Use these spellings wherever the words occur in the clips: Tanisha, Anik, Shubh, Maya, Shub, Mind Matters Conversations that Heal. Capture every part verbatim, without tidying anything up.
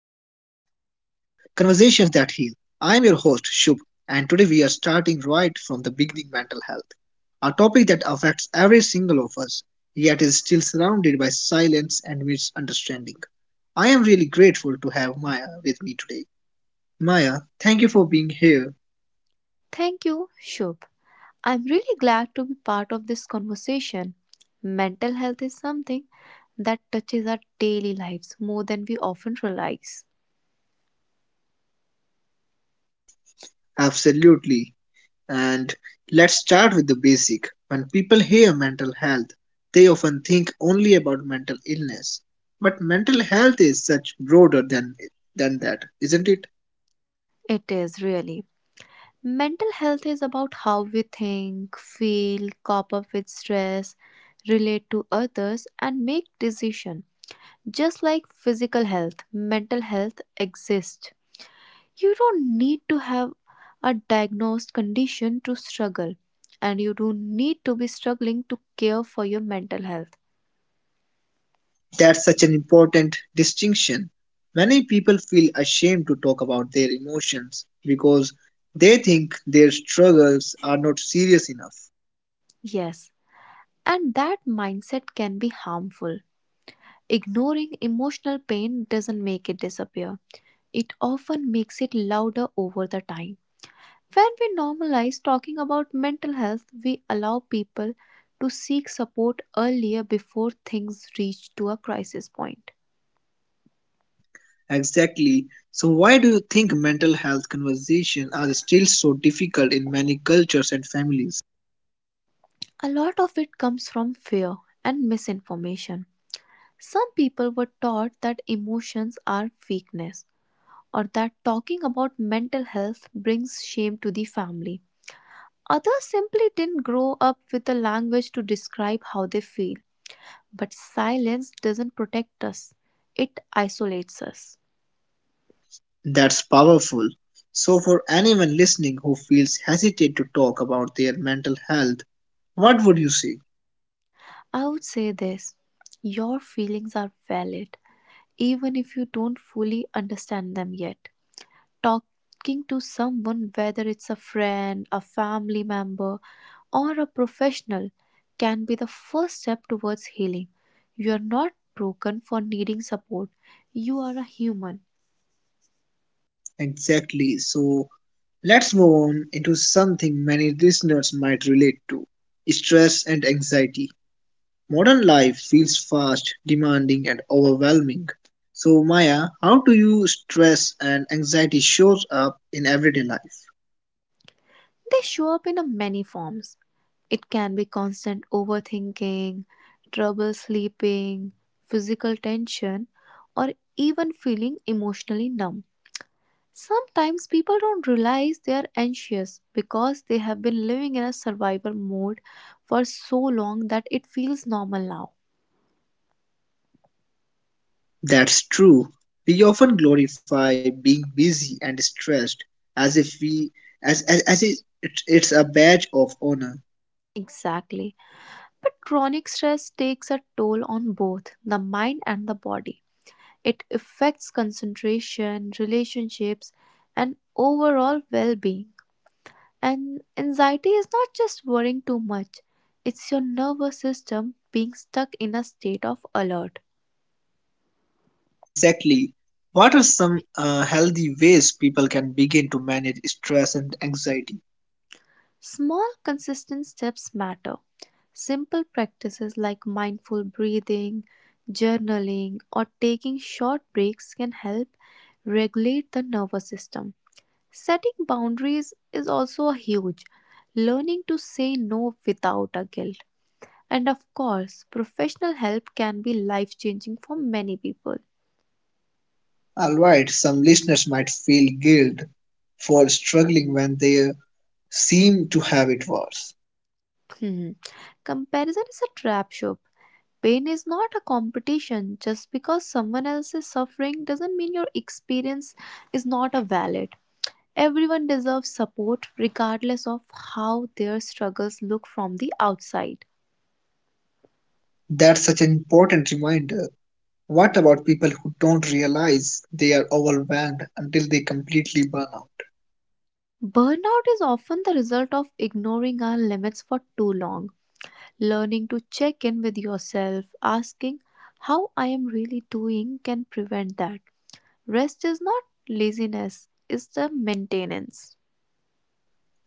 Conversations that Heal. I'm your host, Shub, and today we are starting right from the beginning mental health, a topic that affects every single of us, yet is still surrounded by silence and misunderstanding. I am really grateful to have Maya with me today. Maya, thank you for being here. Thank you, Shubh. I'm really glad to be part of this conversation. Mental health is something that touches our daily lives more than we often realize. Absolutely. And let's start with the basic. When people hear mental health, they often think only about mental illness. But mental health is such broader than, than that, isn't it? It is really. Mental health is about how we think, feel, cope up with stress, relate to others, and make decisions. Just like physical health, mental health exists. You don't need to have a diagnosed condition to struggle, and you don't need to be struggling to care for your mental health. That's such an important distinction. Many people feel ashamed to talk about their emotions because they think their struggles are not serious enough. Yes, and that mindset can be harmful. Ignoring emotional pain doesn't make it disappear, it often makes it louder over the time. When we normalize talking about mental health, we allow people to seek support earlier before things reach to a crisis point. Exactly. So why do you think mental health conversations are still so difficult in many cultures and families? A lot of it comes from fear and misinformation. Some people were taught that emotions are weakness or that talking about mental health brings shame to the family. Others simply didn't grow up with the language to describe how they feel. But silence doesn't protect us, it isolates us. That's powerful. So, for anyone listening who feels hesitant to talk about their mental health, what would you say? I would say this: your feelings are valid, even if you don't fully understand them yet. Talking to someone, whether it's a friend, a family member, or a professional, can be the first step towards healing. You are not broken for needing support. You are a human. Exactly. So, let's move on into something many listeners might relate to stress and anxiety. Modern life feels fast, demanding, and overwhelming. So, Maya, how do you stress and anxiety shows up in everyday life? They show up in a many forms. It can be constant overthinking, trouble sleeping, physical tension, or even feeling emotionally numb. Sometimes people don't realize they are anxious because they have been living in a survival mode for so long that it feels normal now. That's true. We often glorify being busy and stressed as if we as as, as if it- it's a badge of honor. Exactly. But chronic stress takes a toll on both the mind and the body. It affects concentration, relationships, and overall well being. And anxiety is not just worrying too much, it's your nervous system being stuck in a state of alert. Exactly. What are some uh, healthy ways people can begin to manage stress and anxiety? Small, consistent steps matter. Simple practices like mindful breathing, journaling, or taking short breaks can help regulate the nervous system. Setting boundaries is also huge. Learning to say no without a guilt. And of course, professional help can be life changing for many people. All right, some listeners might feel guilt for struggling when they seem to have it worse. Hmm. Comparison is a trap, Shobh. Pain is not a competition. Just because someone else is suffering doesn't mean your experience is not a valid. Everyone deserves support regardless of how their struggles look from the outside. That's such an important reminder. What about people who don't realize they are overwhelmed until they completely burn out? Burnout is often the result of ignoring our limits for too long. Learning to check in with yourself, asking how I am really doing, can prevent that. Rest is not laziness, it's the maintenance.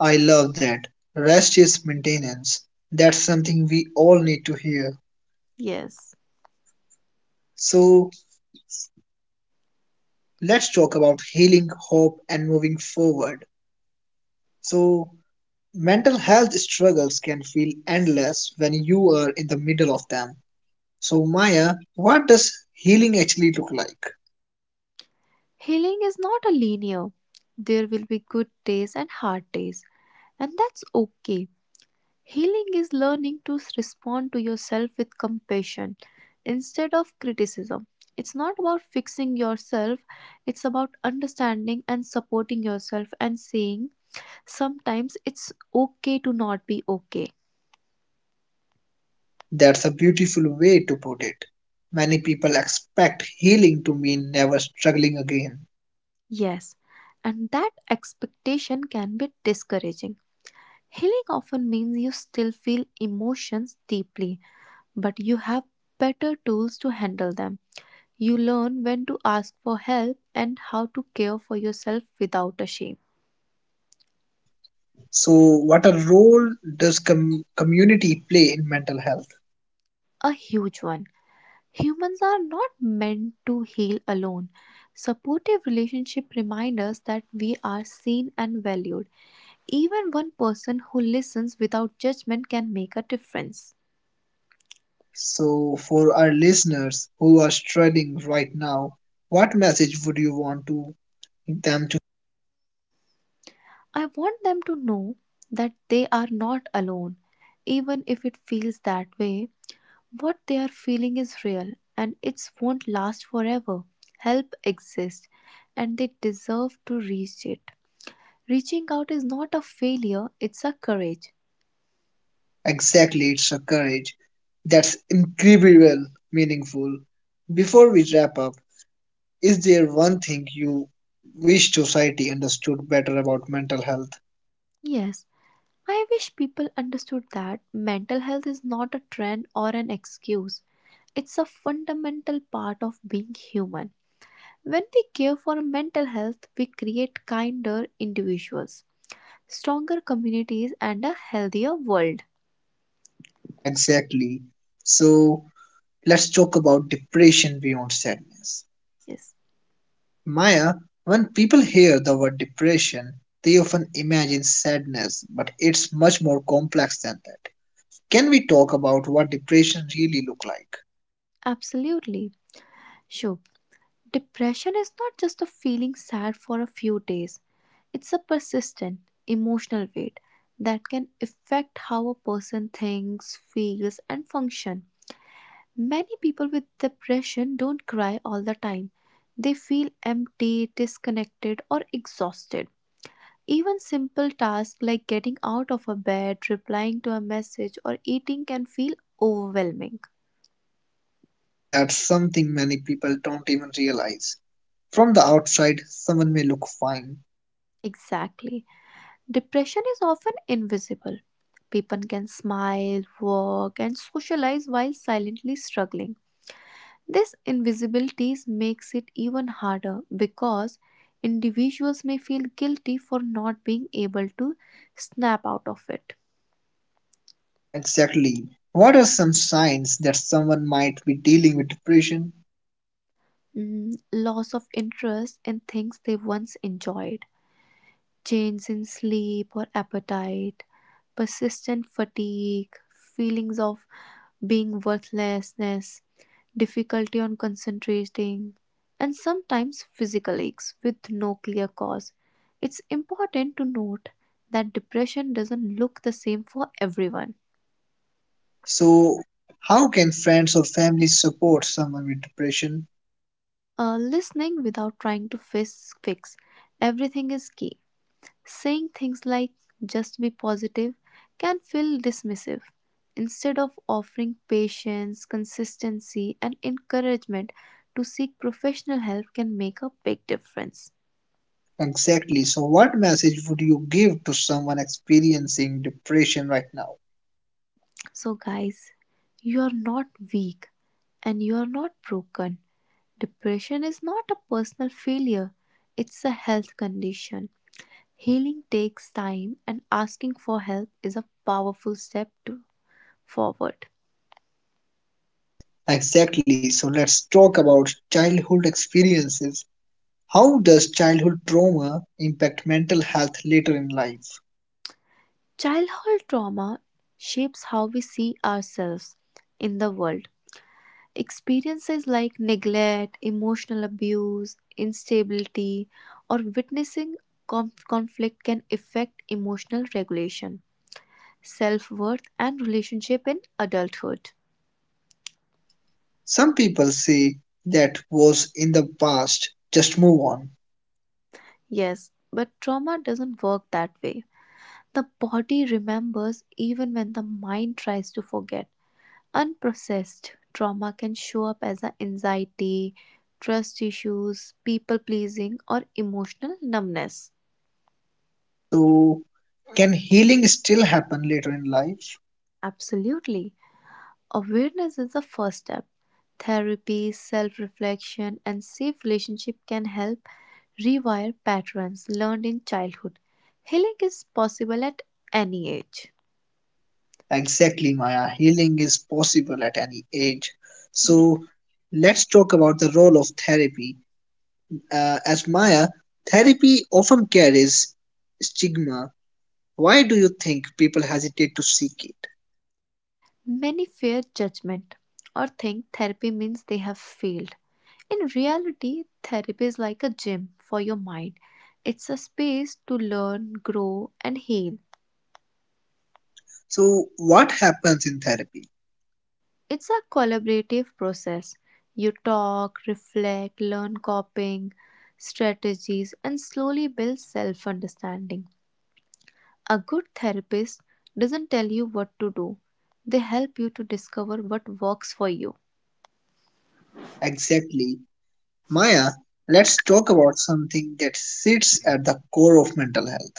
I love that. Rest is maintenance. That's something we all need to hear. Yes. So, let's talk about healing, hope, and moving forward. So, mental health struggles can feel endless when you are in the middle of them. So, Maya, what does healing actually look like? Healing is not a linear. There will be good days and hard days, and that's okay. Healing is learning to respond to yourself with compassion instead of criticism. It's not about fixing yourself, it's about understanding and supporting yourself and saying sometimes it's okay to not be okay. That's a beautiful way to put it. Many people expect healing to mean never struggling again. Yes, and that expectation can be discouraging. Healing often means you still feel emotions deeply but you have better tools to handle them. You learn when to ask for help and how to care for yourself without a shame. So, what a role does com- community play in mental health? A huge one. Humans are not meant to heal alone. Supportive relationships remind us that we are seen and valued. Even one person who listens without judgment can make a difference. So, for our listeners who are struggling right now, what message would you want to them to I want them to know that they are not alone, even if it feels that way. What they are feeling is real and it won't last forever. Help exists and they deserve to reach it. Reaching out is not a failure, it's a courage. exactly? It's a courage that's incredible, meaningful. Before we wrap up, is there one thing you wish society understood better about mental health? Yes, I wish people understood that mental health is not a trend or an excuse. It's a fundamental part of being human. When we care for mental health, we create kinder individuals, stronger communities, and a healthier world. Exactly. So, let's talk about depression beyond sadness. Yes, Maya, when people hear the word depression, they often imagine sadness, but it's much more complex than that. Can we talk about what depression really looks like? absolutely. Sure. Depression is not just a feeling sad for a few days, it's a persistent emotional weight that can affect how a person thinks, feels, and functions. Many people with depression don't cry all the time. They feel empty, disconnected, or exhausted. Even simple tasks like getting out of a bed, replying to a message, or eating can feel overwhelming. That's something many people don't even realize. From the outside, someone may look fine. Exactly. Depression is often invisible. People can smile, work, and socialize while silently struggling. This invisibility makes it even harder because individuals may feel guilty for not being able to snap out of it. Exactly. What are some signs that someone might be dealing with depression? Mm, loss of interest in things they once enjoyed, change in sleep or appetite, persistent fatigue, feelings of being worthlessness, difficulty on concentrating, and sometimes physical aches with no clear cause. It's important to note that depression doesn't look the same for everyone. So, how can friends or family support someone with depression? Uh, listening without trying to fix, fix everything is key. Saying things like just be positive can feel dismissive. Instead of offering patience, consistency, and encouragement to seek professional help can make a big difference. Exactly. So, what message would you give to someone experiencing depression right now? So, guys, you are not weak and you are not broken. Depression is not a personal failure, it's a health condition. Healing takes time, and asking for help is a powerful step to forward. Exactly. So, let's talk about childhood experiences. How does childhood trauma impact mental health later in life? Childhood trauma shapes how we see ourselves in the world. Experiences like neglect, emotional abuse, instability, or witnessing conf- conflict can affect emotional regulation, self worth, and relationship in adulthood. Some people say that was in the past, just move on. Yes, but trauma doesn't work that way. The body remembers even when the mind tries to forget. Unprocessed trauma can show up as a anxiety, trust issues, people pleasing, or emotional numbness. So, can healing still happen later in life? Absolutely. Awareness is the first step. Therapy, self reflection, and safe relationship can help rewire patterns learned in childhood. Healing is possible at any age. Exactly, Maya. Healing is possible at any age. Yes. So, let's talk about the role of therapy uh, as Maya, therapy often carries stigma. Why do you think people hesitate to seek it? Many fear judgment or think therapy means they have failed. In reality, therapy is like a gym for your mind. It's a space to learn, grow, and heal. So, what happens in therapy? It's a collaborative process. You talk, reflect, learn coping strategies, and slowly build self understanding. A good therapist doesn't tell you what to do, they help you to discover what works for you. Exactly. Maya, let's talk about something that sits at the core of mental health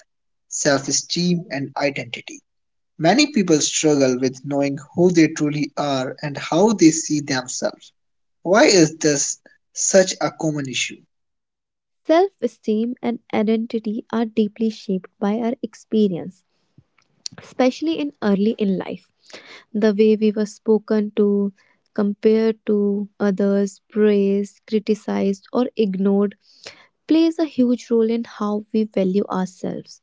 self esteem and identity. Many people struggle with knowing who they truly are and how they see themselves. Why is this such a common issue? Self esteem and identity are deeply shaped by our experience, especially in early in life. The way we were spoken to, compared to others, praised, criticized, or ignored plays a huge role in how we value ourselves.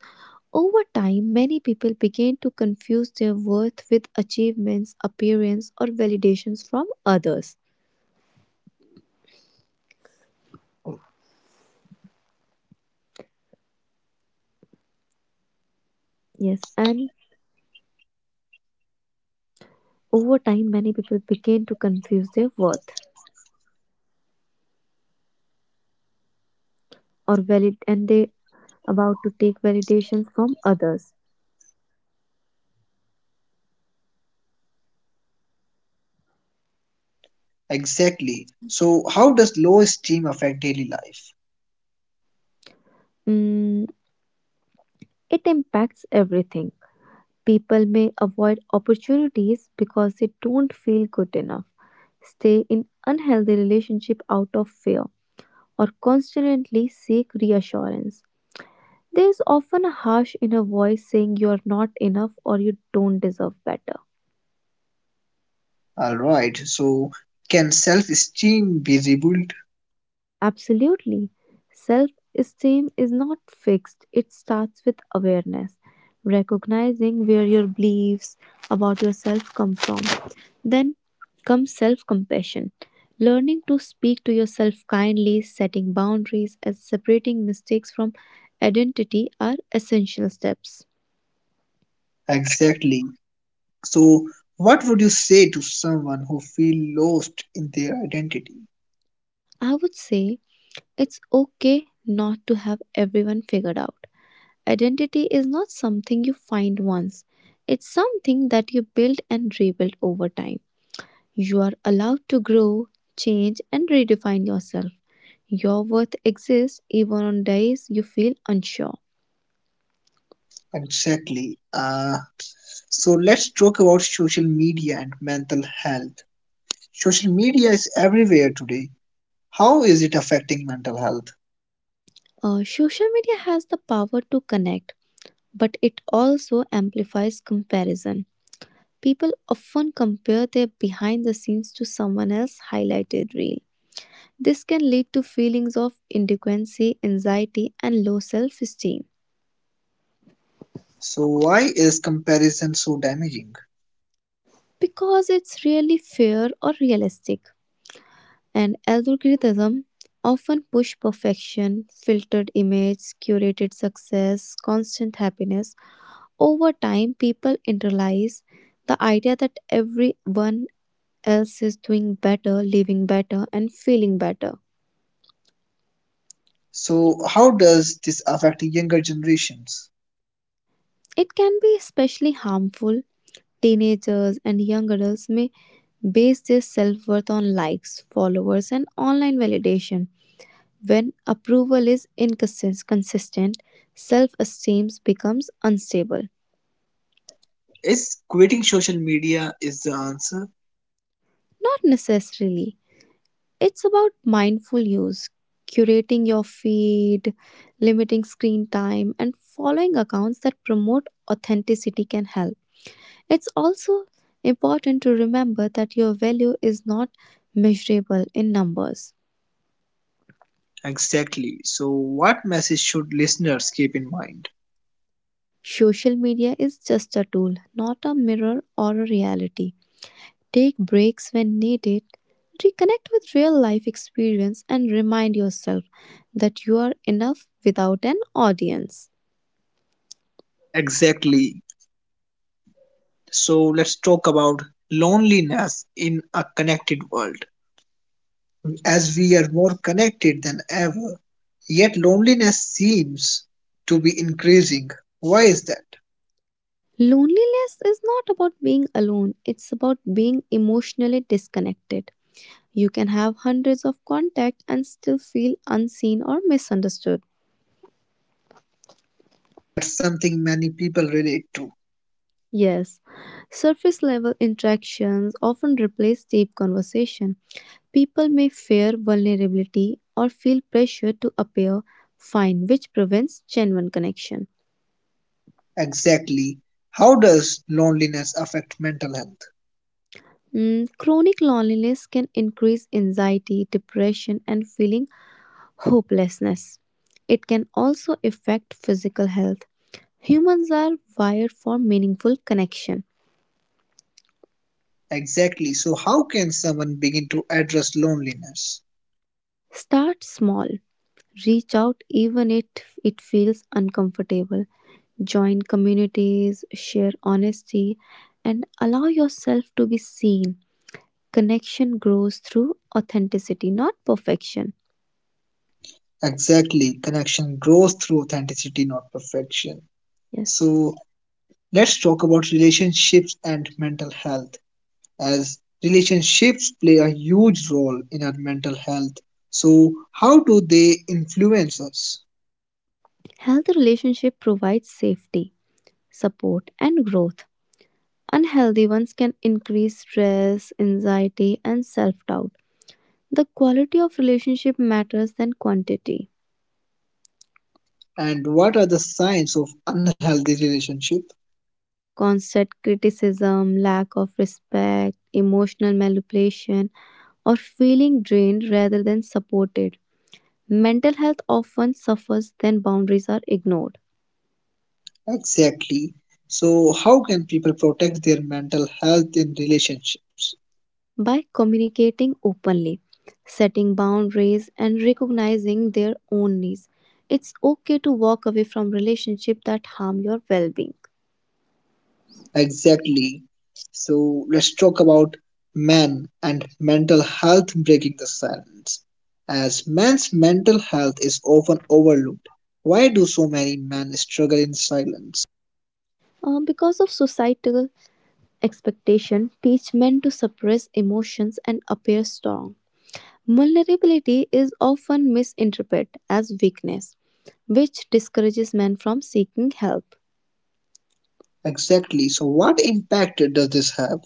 Over time, many people begin to confuse their worth with achievements, appearance, or validations from others. Yes, and over time, many people begin to confuse their worth or valid, and they about to take validations from others. Exactly. So, how does low esteem affect daily life? Mm, it impacts everything. People may avoid opportunities because they don't feel good enough, stay in unhealthy relationship out of fear, or constantly seek reassurance. There is often a harsh inner voice saying you are not enough or you don't deserve better. All right. So, can self-esteem be rebuilt? Absolutely. Self esteem is not fixed, it starts with awareness, recognizing where your beliefs about yourself come from. Then comes self compassion, learning to speak to yourself kindly, setting boundaries, and separating mistakes from identity are essential steps. Exactly. So, what would you say to someone who feel lost in their identity? I would say it's okay not to have everyone figured out. Identity is not something you find once, it's something that you build and rebuild over time. You are allowed to grow, change, and redefine yourself. Your worth exists even on days you feel unsure. Exactly. Uh, so, let's talk about social media and mental health. Social media is everywhere today. How is it affecting mental health? Uh, social media has the power to connect, but it also amplifies comparison. People often compare their behind the scenes to someone else's highlighted reel. This can lead to feelings of inadequacy, anxiety, and low self esteem. So, why is comparison so damaging? Because it's really fair or realistic. And algorithm often push perfection, filtered image, curated success, constant happiness. Over time, people internalize the idea that everyone else is doing better, living better, and feeling better. So, how does this affect younger generations? It can be especially harmful. Teenagers and young adults may base their self worth on likes, followers, and online validation. When approval is inconsistent, self esteem becomes unstable. Is quitting social media is the answer? Not necessarily. It's about mindful use, curating your feed, limiting screen time, and following accounts that promote authenticity can help. It's also important to remember that your value is not measurable in numbers. Exactly. So, what message should listeners keep in mind? Social media is just a tool, not a mirror or a reality. Take breaks when needed, reconnect with real life experience, and remind yourself that you are enough without an audience. Exactly. So, let's talk about loneliness in a connected world. As we are more connected than ever, yet loneliness seems to be increasing. Why is that? Loneliness is not about being alone, it's about being emotionally disconnected. You can have hundreds of contacts and still feel unseen or misunderstood. That's something many people relate to. Yes, surface level interactions often replace deep conversation. People may fear vulnerability or feel pressure to appear fine, which prevents genuine connection. Exactly. How does loneliness affect mental health? Mm, chronic loneliness can increase anxiety, depression, and feeling hopelessness. It can also affect physical health. Humans are wired for meaningful connection. Exactly. So, how can someone begin to address loneliness? Start small. Reach out even if it feels uncomfortable. Join communities, share honesty, and allow yourself to be seen. Connection grows through authenticity, not perfection. Exactly. Connection grows through authenticity, not perfection. Yes. So let's talk about relationships and mental health, as relationships play a huge role in our mental health. So, how do they influence us? Healthy relationship provides safety, support, and growth. Unhealthy ones can increase stress, anxiety, and self-doubt. The quality of relationship matters than quantity. And what are the signs of unhealthy relationship? Constant criticism, lack of respect, emotional manipulation, or feeling drained rather than supported. Mental health often suffers when boundaries are ignored. Exactly. So, how can people protect their mental health in relationships? By communicating openly, setting boundaries, and recognizing their own needs. It's okay to walk away from relationships that harm your well-being. Exactly. So let's talk about men and mental health breaking the silence. As men's mental health is often overlooked, why do so many men struggle in silence? Uh, because of societal expectation, teach men to suppress emotions and appear strong. Vulnerability is often misinterpreted as weakness, which discourages men from seeking help. Exactly. So what impact does this have?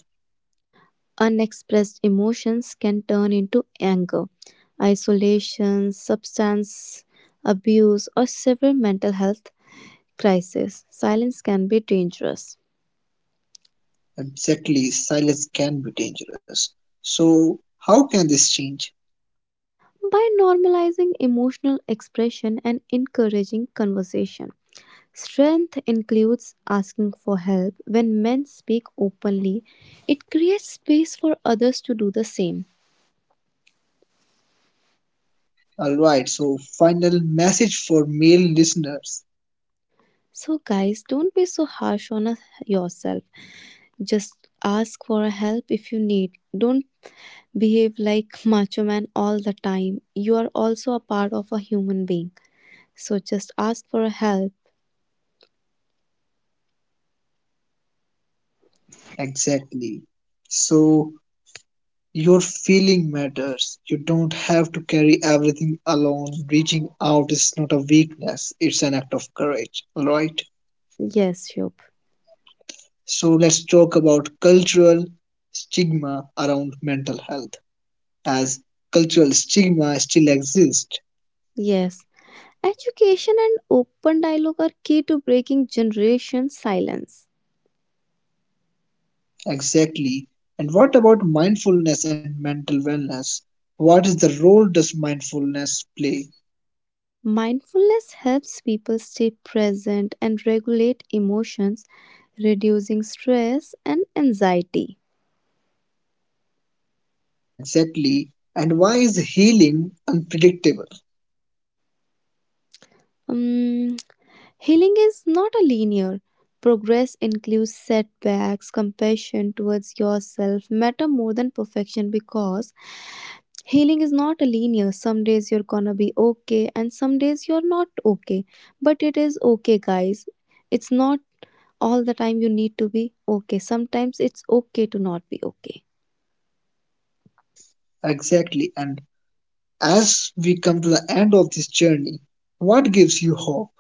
Unexpressed emotions can turn into anger, isolation, substance abuse, or severe mental health crises. Silence can be dangerous. Exactly. Silence can be dangerous. So how can this change? By normalizing emotional expression and encouraging conversation, strength includes asking for help. When men speak openly, it creates space for others to do the same. Alright. So final message for male listeners. So, guys, don't be so harsh on us- yourself. Just ask for help if you need. Don't behave like macho man all the time. You are also a part of a human being. So just ask for help. Exactly. So your feeling matters. You don't have to carry everything alone. Reaching out is not a weakness, it's an act of courage. Alright? Yes, Shubh. So let's talk about cultural stigma around mental health. As cultural stigma still exists. Yes. Education and open dialogue are key to breaking generation silence. Exactly. And what about mindfulness and mental wellness? What is the role does mindfulness play? Mindfulness helps people stay present and regulate emotions, reducing stress and anxiety. Exactly. And why is healing unpredictable? Um, Healing is not a linear. Progress includes setbacks, compassion towards yourself matter more than perfection because healing is not a linear. Some days you're gonna be okay and some days you're not okay. But it is okay, guys. It's not all the time you need to be okay. Sometimes it's okay to not be okay. Exactly. And as we come to the end of this journey, what gives you hope?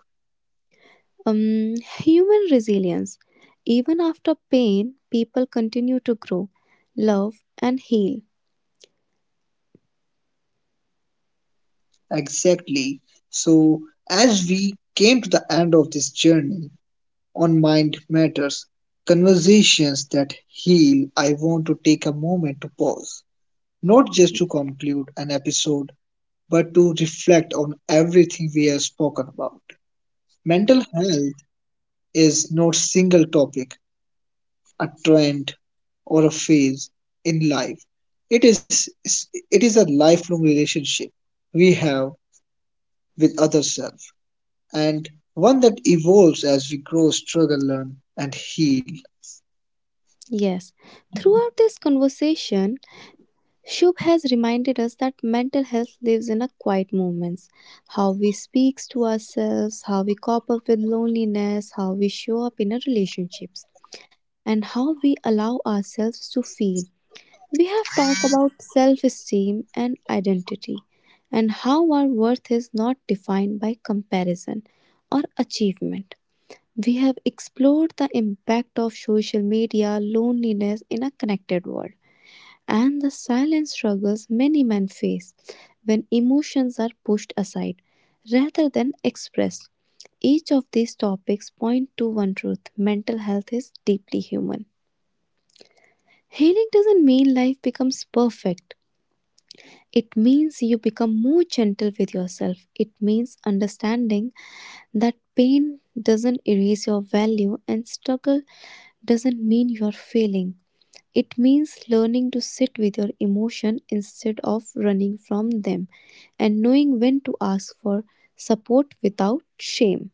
Um, human resilience. Even after pain, people continue to grow, love, and heal. Exactly. So, as we came to the end of this journey on Mind Matters, conversations that heal, I want to take a moment to pause, not just to conclude an episode, but to reflect on everything we have spoken about. Mental health is not single topic, a trend or a phase in life. It is it is a lifelong relationship we have with other self and one that evolves as we grow, struggle, learn and heal. Yes, throughout this conversation, Shubh has reminded us that mental health lives in our quiet moments. How we speak to ourselves, how we cope up with loneliness, how we show up in our relationships, and how we allow ourselves to feel. We have talked about self esteem and identity, and how our worth is not defined by comparison or achievement. We have explored the impact of social media loneliness in a connected world and the silent struggles many men face when emotions are pushed aside rather than expressed. Each of these topics point to one truth mental health is deeply human. Healing doesn't mean life becomes perfect. It means you become more gentle with yourself. It means understanding that pain doesn't erase your value and struggle doesn't mean you're failing. It means learning to sit with your emotion instead of running from them and knowing when to ask for support without shame.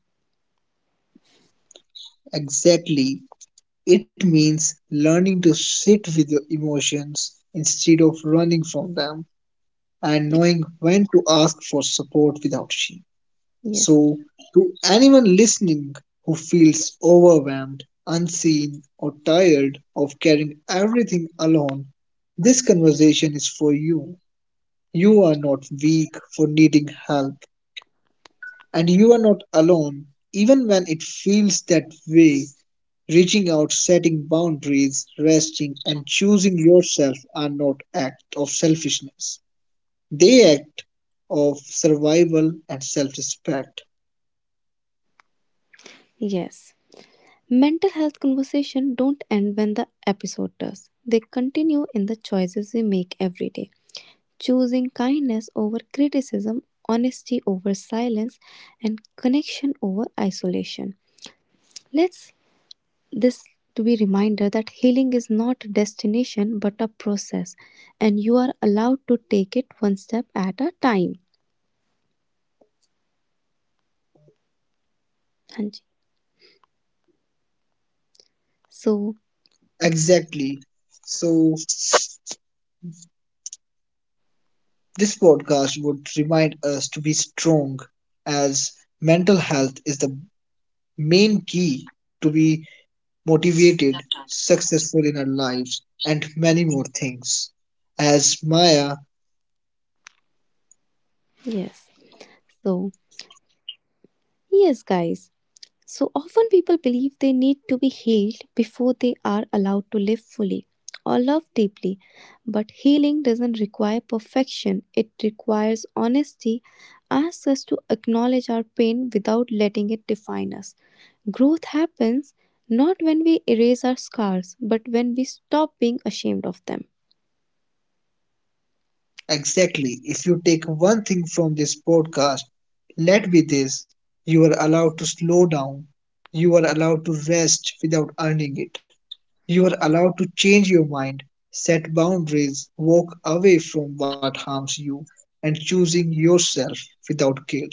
Exactly. It means learning to sit with your emotions instead of running from them and knowing when to ask for support without shame. Yes. So, to anyone listening who feels overwhelmed, unseen, or tired of carrying everything alone, this conversation is for you. You are not weak for needing help, and you are not alone, even when it feels that way. Reaching out, setting boundaries, resting, and choosing yourself are not acts of selfishness. They act of survival and self-respect. Yes. Mental health conversation don't end when the episode does. They continue in the choices we make every day. Choosing kindness over criticism, honesty over silence, and connection over isolation. Let's this to be reminder that healing is not a destination but a process and you are allowed to take it one step at a time हाँ जी. so Exactly. So, this podcast would remind us to be strong as mental health is the main key to be motivated, successful in our lives, and many more things. As Maya, yes so yes guys, so often people believe they need to be healed before they are allowed to live fully or love deeply, but healing doesn't require perfection, it requires honesty, asks us to acknowledge our pain without letting it define us. Growth happens not when we erase our scars, but when we stop being ashamed of them. exactly, if you take one thing from this podcast, let be this you are allowed to slow down, you are allowed to rest without earning it. You are allowed to change your mind, set boundaries, walk away from what harms you, and choosing yourself without guilt.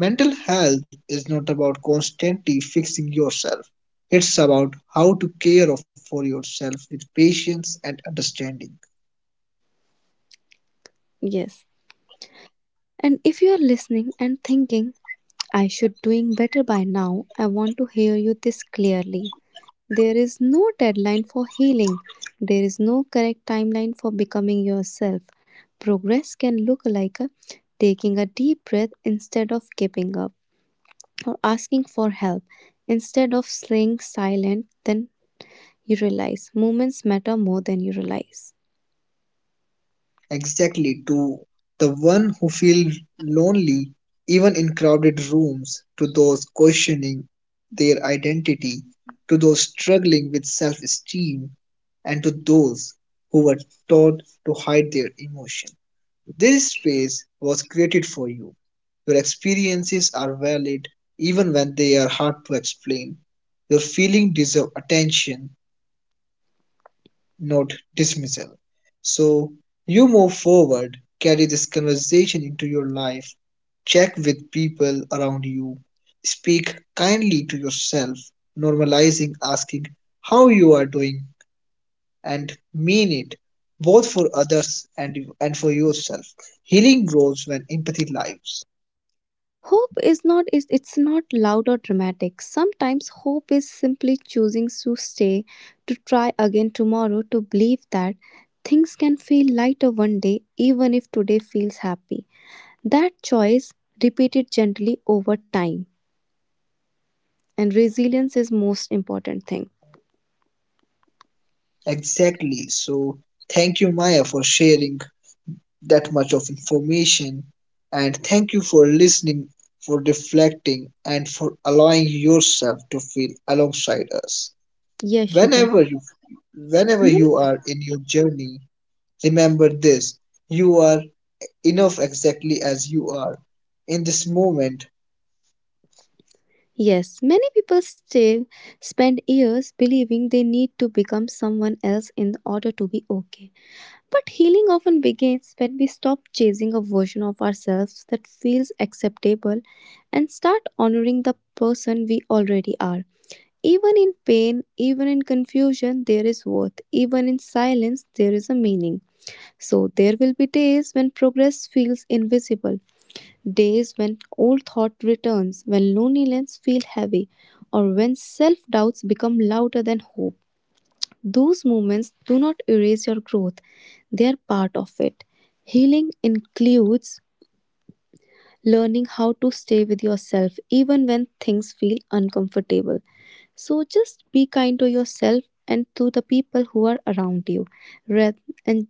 Mental health is not about constantly fixing yourself. It's about how to care for yourself with patience and understanding. Yes. And if you are listening and thinking, I should doing better by now, I want to hear you this clearly. There is no deadline for healing. There is no correct timeline for becoming yourself. Progress can look like a taking a deep breath instead of giving up or asking for help instead of staying silent then you realize. Moments matter more than you realize. Exactly, to the one who feels lonely even in crowded rooms, to those questioning their identity, to those struggling with self esteem, and to those who were taught to hide their emotion. This space was created for you. Your experiences are valid even when they are hard to explain. Your feelings deserve attention not dismissal. So you move forward, carry this conversation into your life, check with people around you, speak kindly to yourself, normalizing asking how you are doing and mean it both for others and and for yourself. Healing grows when empathy lives. Hope is not is it's not loud or dramatic. Sometimes hope is simply choosing to stay, to try again tomorrow, to believe that things can feel lighter one day even if today feels happy. That choice repeated gently over time and resilience is most important thing. Exactly. So thank you Maya for sharing that much of information. And thank you for listening, for reflecting, and for allowing yourself to feel alongside us. Yes, Shubham. Whenever you, whenever Many- you are in your journey, remember this you are enough exactly as you are in this moment. Yes, many people stay spend years believing they need to become someone else in order to be okay. But healing often begins when we stop chasing a version of ourselves that feels acceptable and start honoring the person we already are. Even in pain, even in confusion, there is worth. Even in silence, there is a meaning. So, there will be days when progress feels invisible, days when old thought returns, when loneliness feels heavy, or when self doubts become louder than hope. Those moments do not erase your growth, they are part of it. Healing includes learning how to stay with yourself even when things feel uncomfortable. So just be kind to yourself and to the people who are around you. Re- And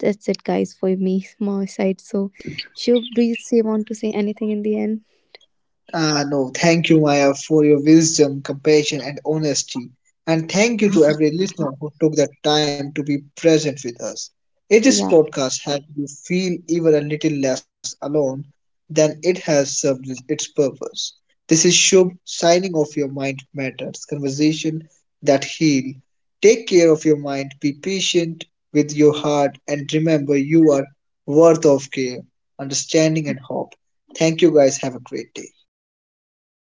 that's it, guys, for me, my side. So, should we say want to say anything in the end? Ah, no, thank you, Maya, for your wisdom, compassion, and honesty. And thank you to every listener who took the time to be present with us. If this Yeah. podcast helped you feel even a little less alone, then it has served its its purpose. This is Shubh signing off your mind matters conversation that heal. Take care of your mind, be patient with your heart, and remember you are worth of care, understanding, and hope. Thank you guys. Have a great day. Yes.